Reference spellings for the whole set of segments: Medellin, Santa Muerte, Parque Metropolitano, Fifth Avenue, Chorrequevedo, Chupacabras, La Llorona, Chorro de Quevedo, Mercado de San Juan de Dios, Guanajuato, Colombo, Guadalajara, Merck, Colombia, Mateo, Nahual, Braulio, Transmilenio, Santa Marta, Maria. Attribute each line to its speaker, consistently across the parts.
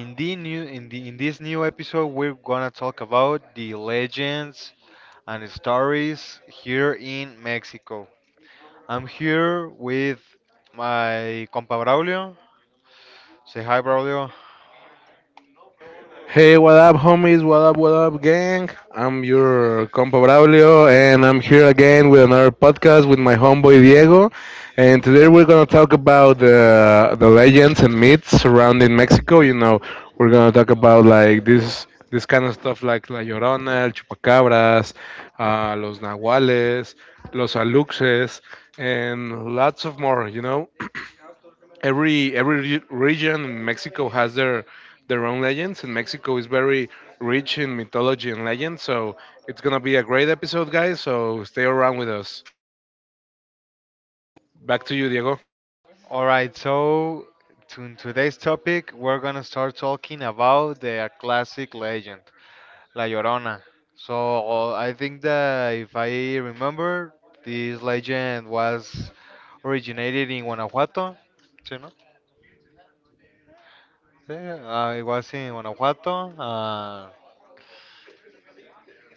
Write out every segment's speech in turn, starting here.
Speaker 1: in the new in the in this new episode, we're gonna talk about the legends and stories here in Mexico. I'm here with my compa Braulio. Say hi, Braulio. All right. In today's topic, we're gonna start talking about the classic legend. La Llorona. So I think that, if I remember, this legend was originated in Guanajuato. Sí, ¿no? Sí, it was in Guanajuato,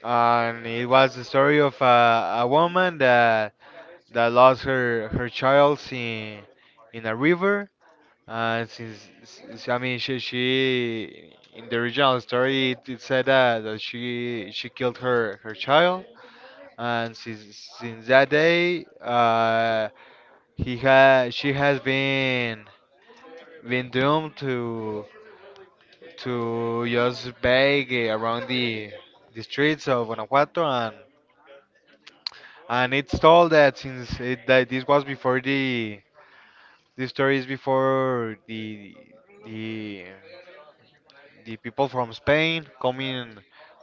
Speaker 1: and it was the story of a woman that lost her child in a river. And I mean, she, in the original story, it said that she killed her child. And since that day, he ha she has been doomed to just beg around the streets of Guanajuato, and it's told that, this was before the story is before the the people from Spain coming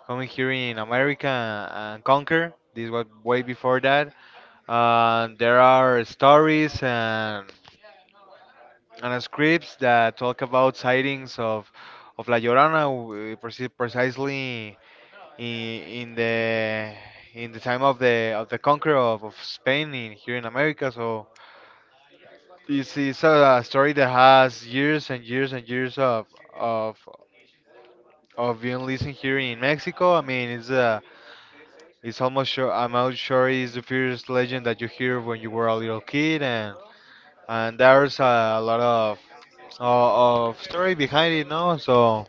Speaker 1: here in America and conquer. This was way before that. There are stories and scripts that talk about sightings of La Llorona, precisely in, in the in the time of the conqueror of Spain, here in America. So it's a story that has years and years and years of of being listened here in Mexico. I mean, it's almost sure, I'm not sure, it's the first legend that you hear when you were a little kid, and there's lot of of story behind it, no?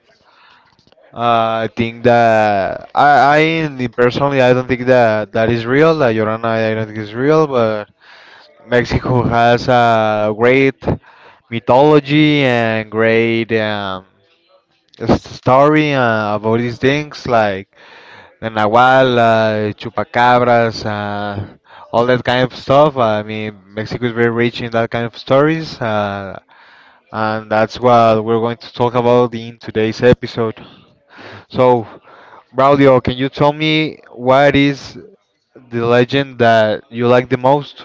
Speaker 1: I think that I personally I don't think that that is real. That Llorona I don't think is real, but Mexico has a great mythology and great, story, about these things like the Nahual, Chupacabras, all that kind of stuff. I mean, Mexico is very rich in that kind of stories, and that's what we're going to talk about in today's episode. So. Raudio, can you tell me what is the legend that you like the most?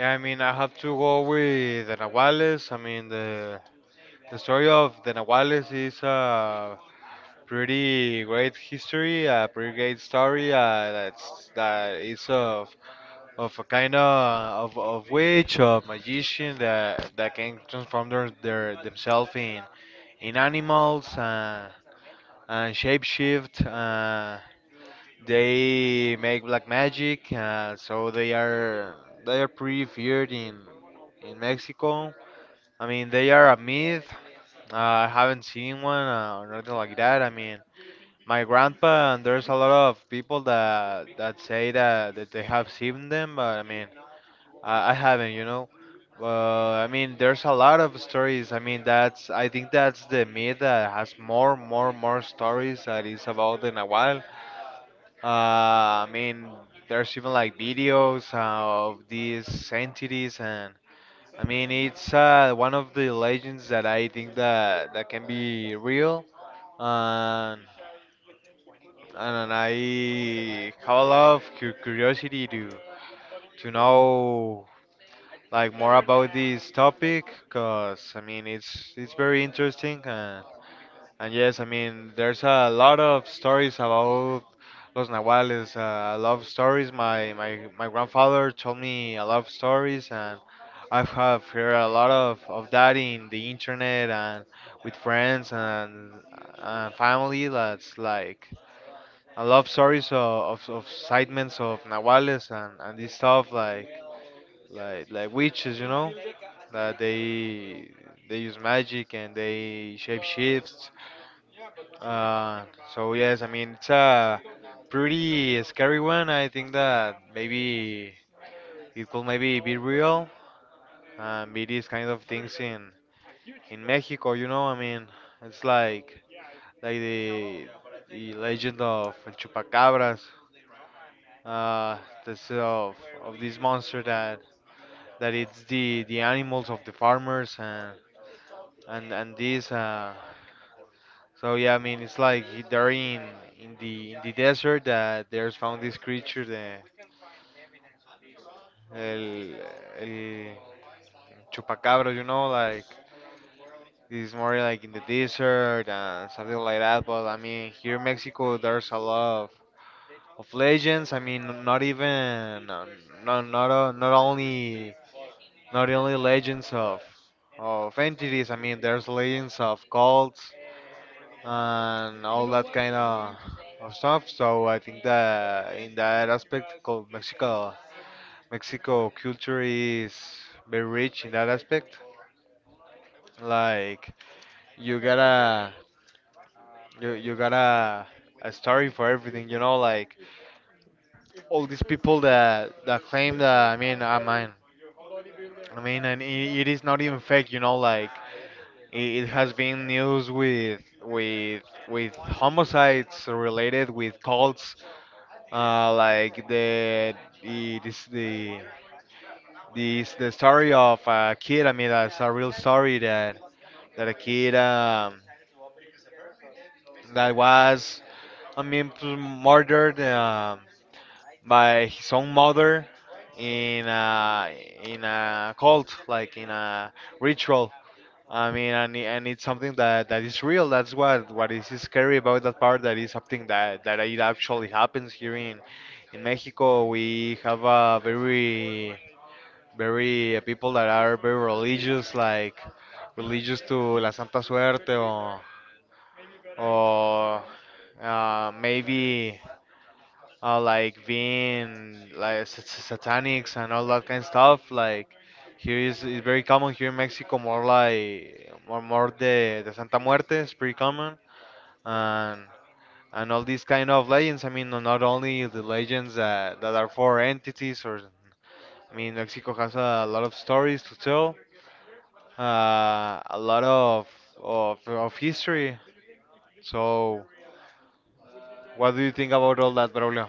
Speaker 1: Yeah, I mean, I have to go with the Nahuales. I mean, the story of the Nahuales is a pretty great history, a pretty great story. That's that is of a kind of of witch, a magician that can transform their themselves in animals, and shapeshift. They make black magic, so they are pretty feared in Mexico. I mean, they are a myth. I haven't seen one, or nothing like that. I mean, my grandpa and there's a lot of people that say that, that they have seen them, but I mean, I haven't, you know. Uh, I mean, there's a lot of stories. I mean, that's, I think, that's the myth that has more stories, that is about the Nahual. I mean, there's even like videos of these entities, and I mean, it's one of the legends that I think that can be real. And I have a lot of curiosity to know, like, more about this topic, cause I mean, it's very interesting. And yes, I mean, there's a lot of stories about Los Nahuales, love stories. My grandfather told me a lot of stories, and I have heard a lot of that in the internet and with friends and family. That's like a love stories of sightments of Nahuales and this stuff, like witches, you know, that they use magic and they shape shifts, uh, so yes, I mean it's a pretty scary one. I think that maybe it could maybe be real. It is kind of things in Mexico, you know. I mean, it's like like the the legend of El Chupacabras. Uh, this of this monster that it's the animals of the farmers and these. So yeah, I mean it's like they're in in the desert that there's found this creature, the el, el chupacabra, you know, like this is more like in the desert and something like that. But I mean here in Mexico there's a lot of legends. I mean not even, uh, not not uh, not only not only legends of entities. I mean there's legends of cults and all that kind of stuff. So I think that in that aspect, Mexico culture is very rich in that aspect. Like you gotta you gotta a story for everything, you know, like all these people that claim that, I mean, and it is not even fake, you know, like it has been news with homicides related with cults, like the it is the this the story of a kid. I mean, that's a real story, that a kid, that was, I mean, murdered, by his own mother in a cult, like in a ritual. I mean, and, and it's something that, that is real. That's what is scary about that part. That is something that it actually happens here in Mexico. We have a very, people that are very religious, like religious to la santa suerte or or maybe, like being like satanics and all that kind of stuff. Like here is it's very common here in Mexico, more like more more the Santa Muerte is pretty common and all these kind of legends. I mean, not only the legends that are for entities, or I mean, Mexico has a lot of stories to tell, a lot of history. So, what do you think about all that, Braulio?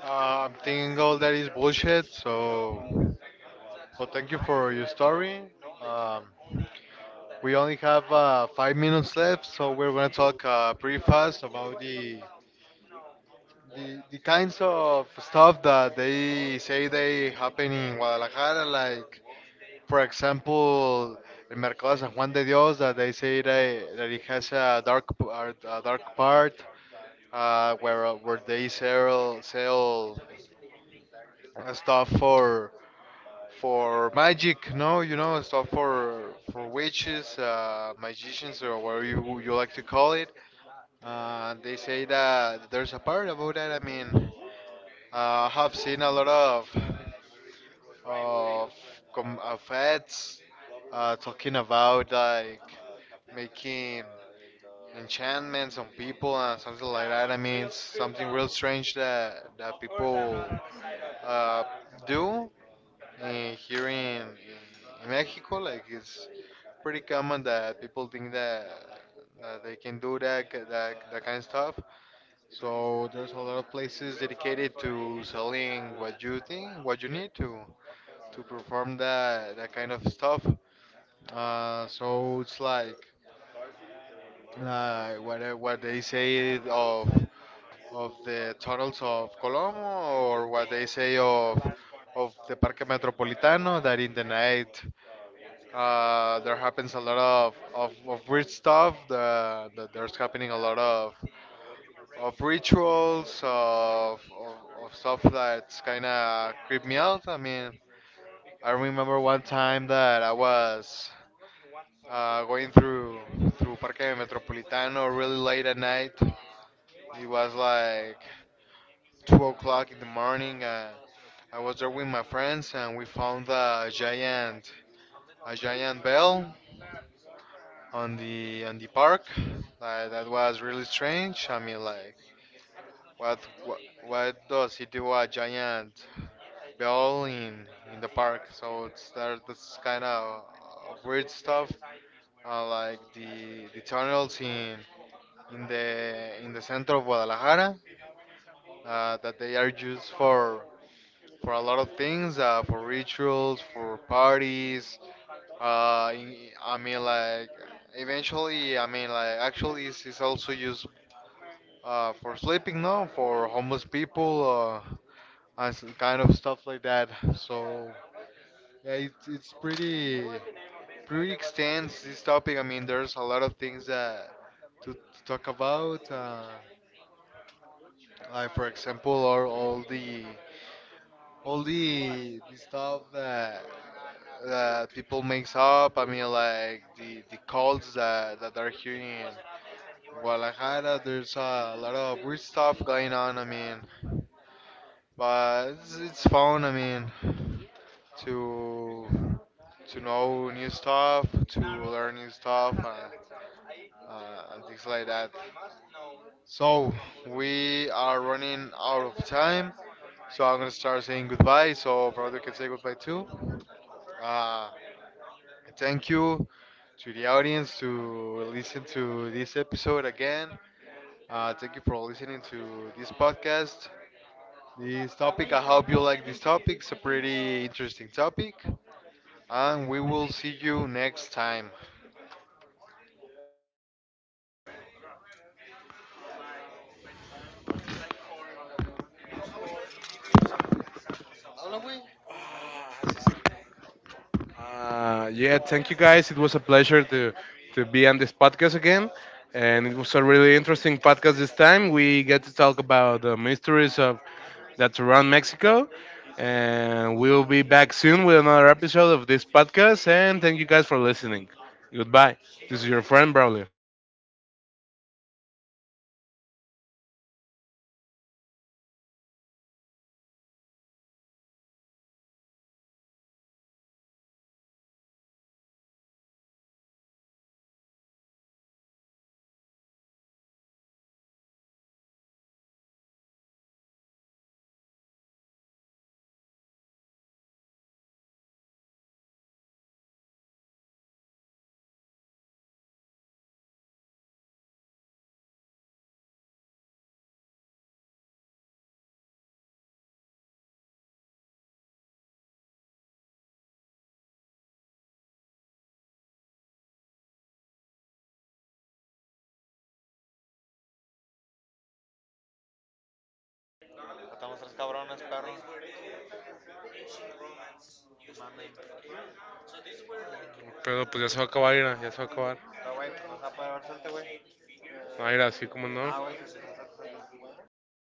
Speaker 1: Uh, I'm thinking all that is bullshit, so. So thank you for your story. Um, we only have 5 minutes left, so we're gonna talk, pretty fast about the kinds of stuff that they say they happen in Guadalajara, like, for example, el Mercado de San Juan de Dios, that they say that, that it has a dark part, where they sell stuff for magic, no, you know, stuff for witches, magicians, or whatever you like to call it. They say that there's a part about that. I mean, I have seen a lot of of of ads, talking about like making enchantments on people and something like that. I mean, it's something real strange that people, uh, do. And here in Mexico, like it's pretty common that people think that, that they can do that, ki- that that kind of stuff. So there's a lot of places dedicated to selling what you think, what you need to perform that kind of stuff. So it's like, what they say of the tunnels of Colombo, or what they say of the Parque Metropolitano, that in the night, there happens a lot of weird stuff. There's happening a lot of rituals of stuff that's kind of creep me out. I mean, I remember one time that I was, going through Parque Metropolitano really late at night. It was like 2 o'clock in the morning. I was there with my friends and we found a giant bell on the park. Like, that was really strange. I mean, like, what what, what does he do a giant bell in the park? So it's that, that's kind of weird stuff. Like the tunnels in in the center of Guadalajara, that they are used for a lot of things, for rituals, for parties. I mean, like, eventually, I mean, like, actually, it's also used, for sleeping, no? For homeless people, and some kind of stuff like that. So, yeah, it's pretty extensive, this topic. I mean, there's a lot of things that to talk about. Like, for example, are all the stuff that people makes up. I mean, like the cults that are here in Guadalajara. There's a lot of weird stuff going on. I mean, but it's fun. I mean, to know new stuff, to learn new stuff, and things like that. So we are running out of time. So I'm gonna start saying goodbye. So Brother can say goodbye too. Uh, thank you to the audience to listen to this episode again. Thank you for listening to this podcast. This topic, I hope you like this topic. It's a pretty interesting topic. And we will see you next time.
Speaker 2: Pero pues ya se va a acabar, mira, ya se va a acabar. No, mira, así como: "Ah, no". Ah,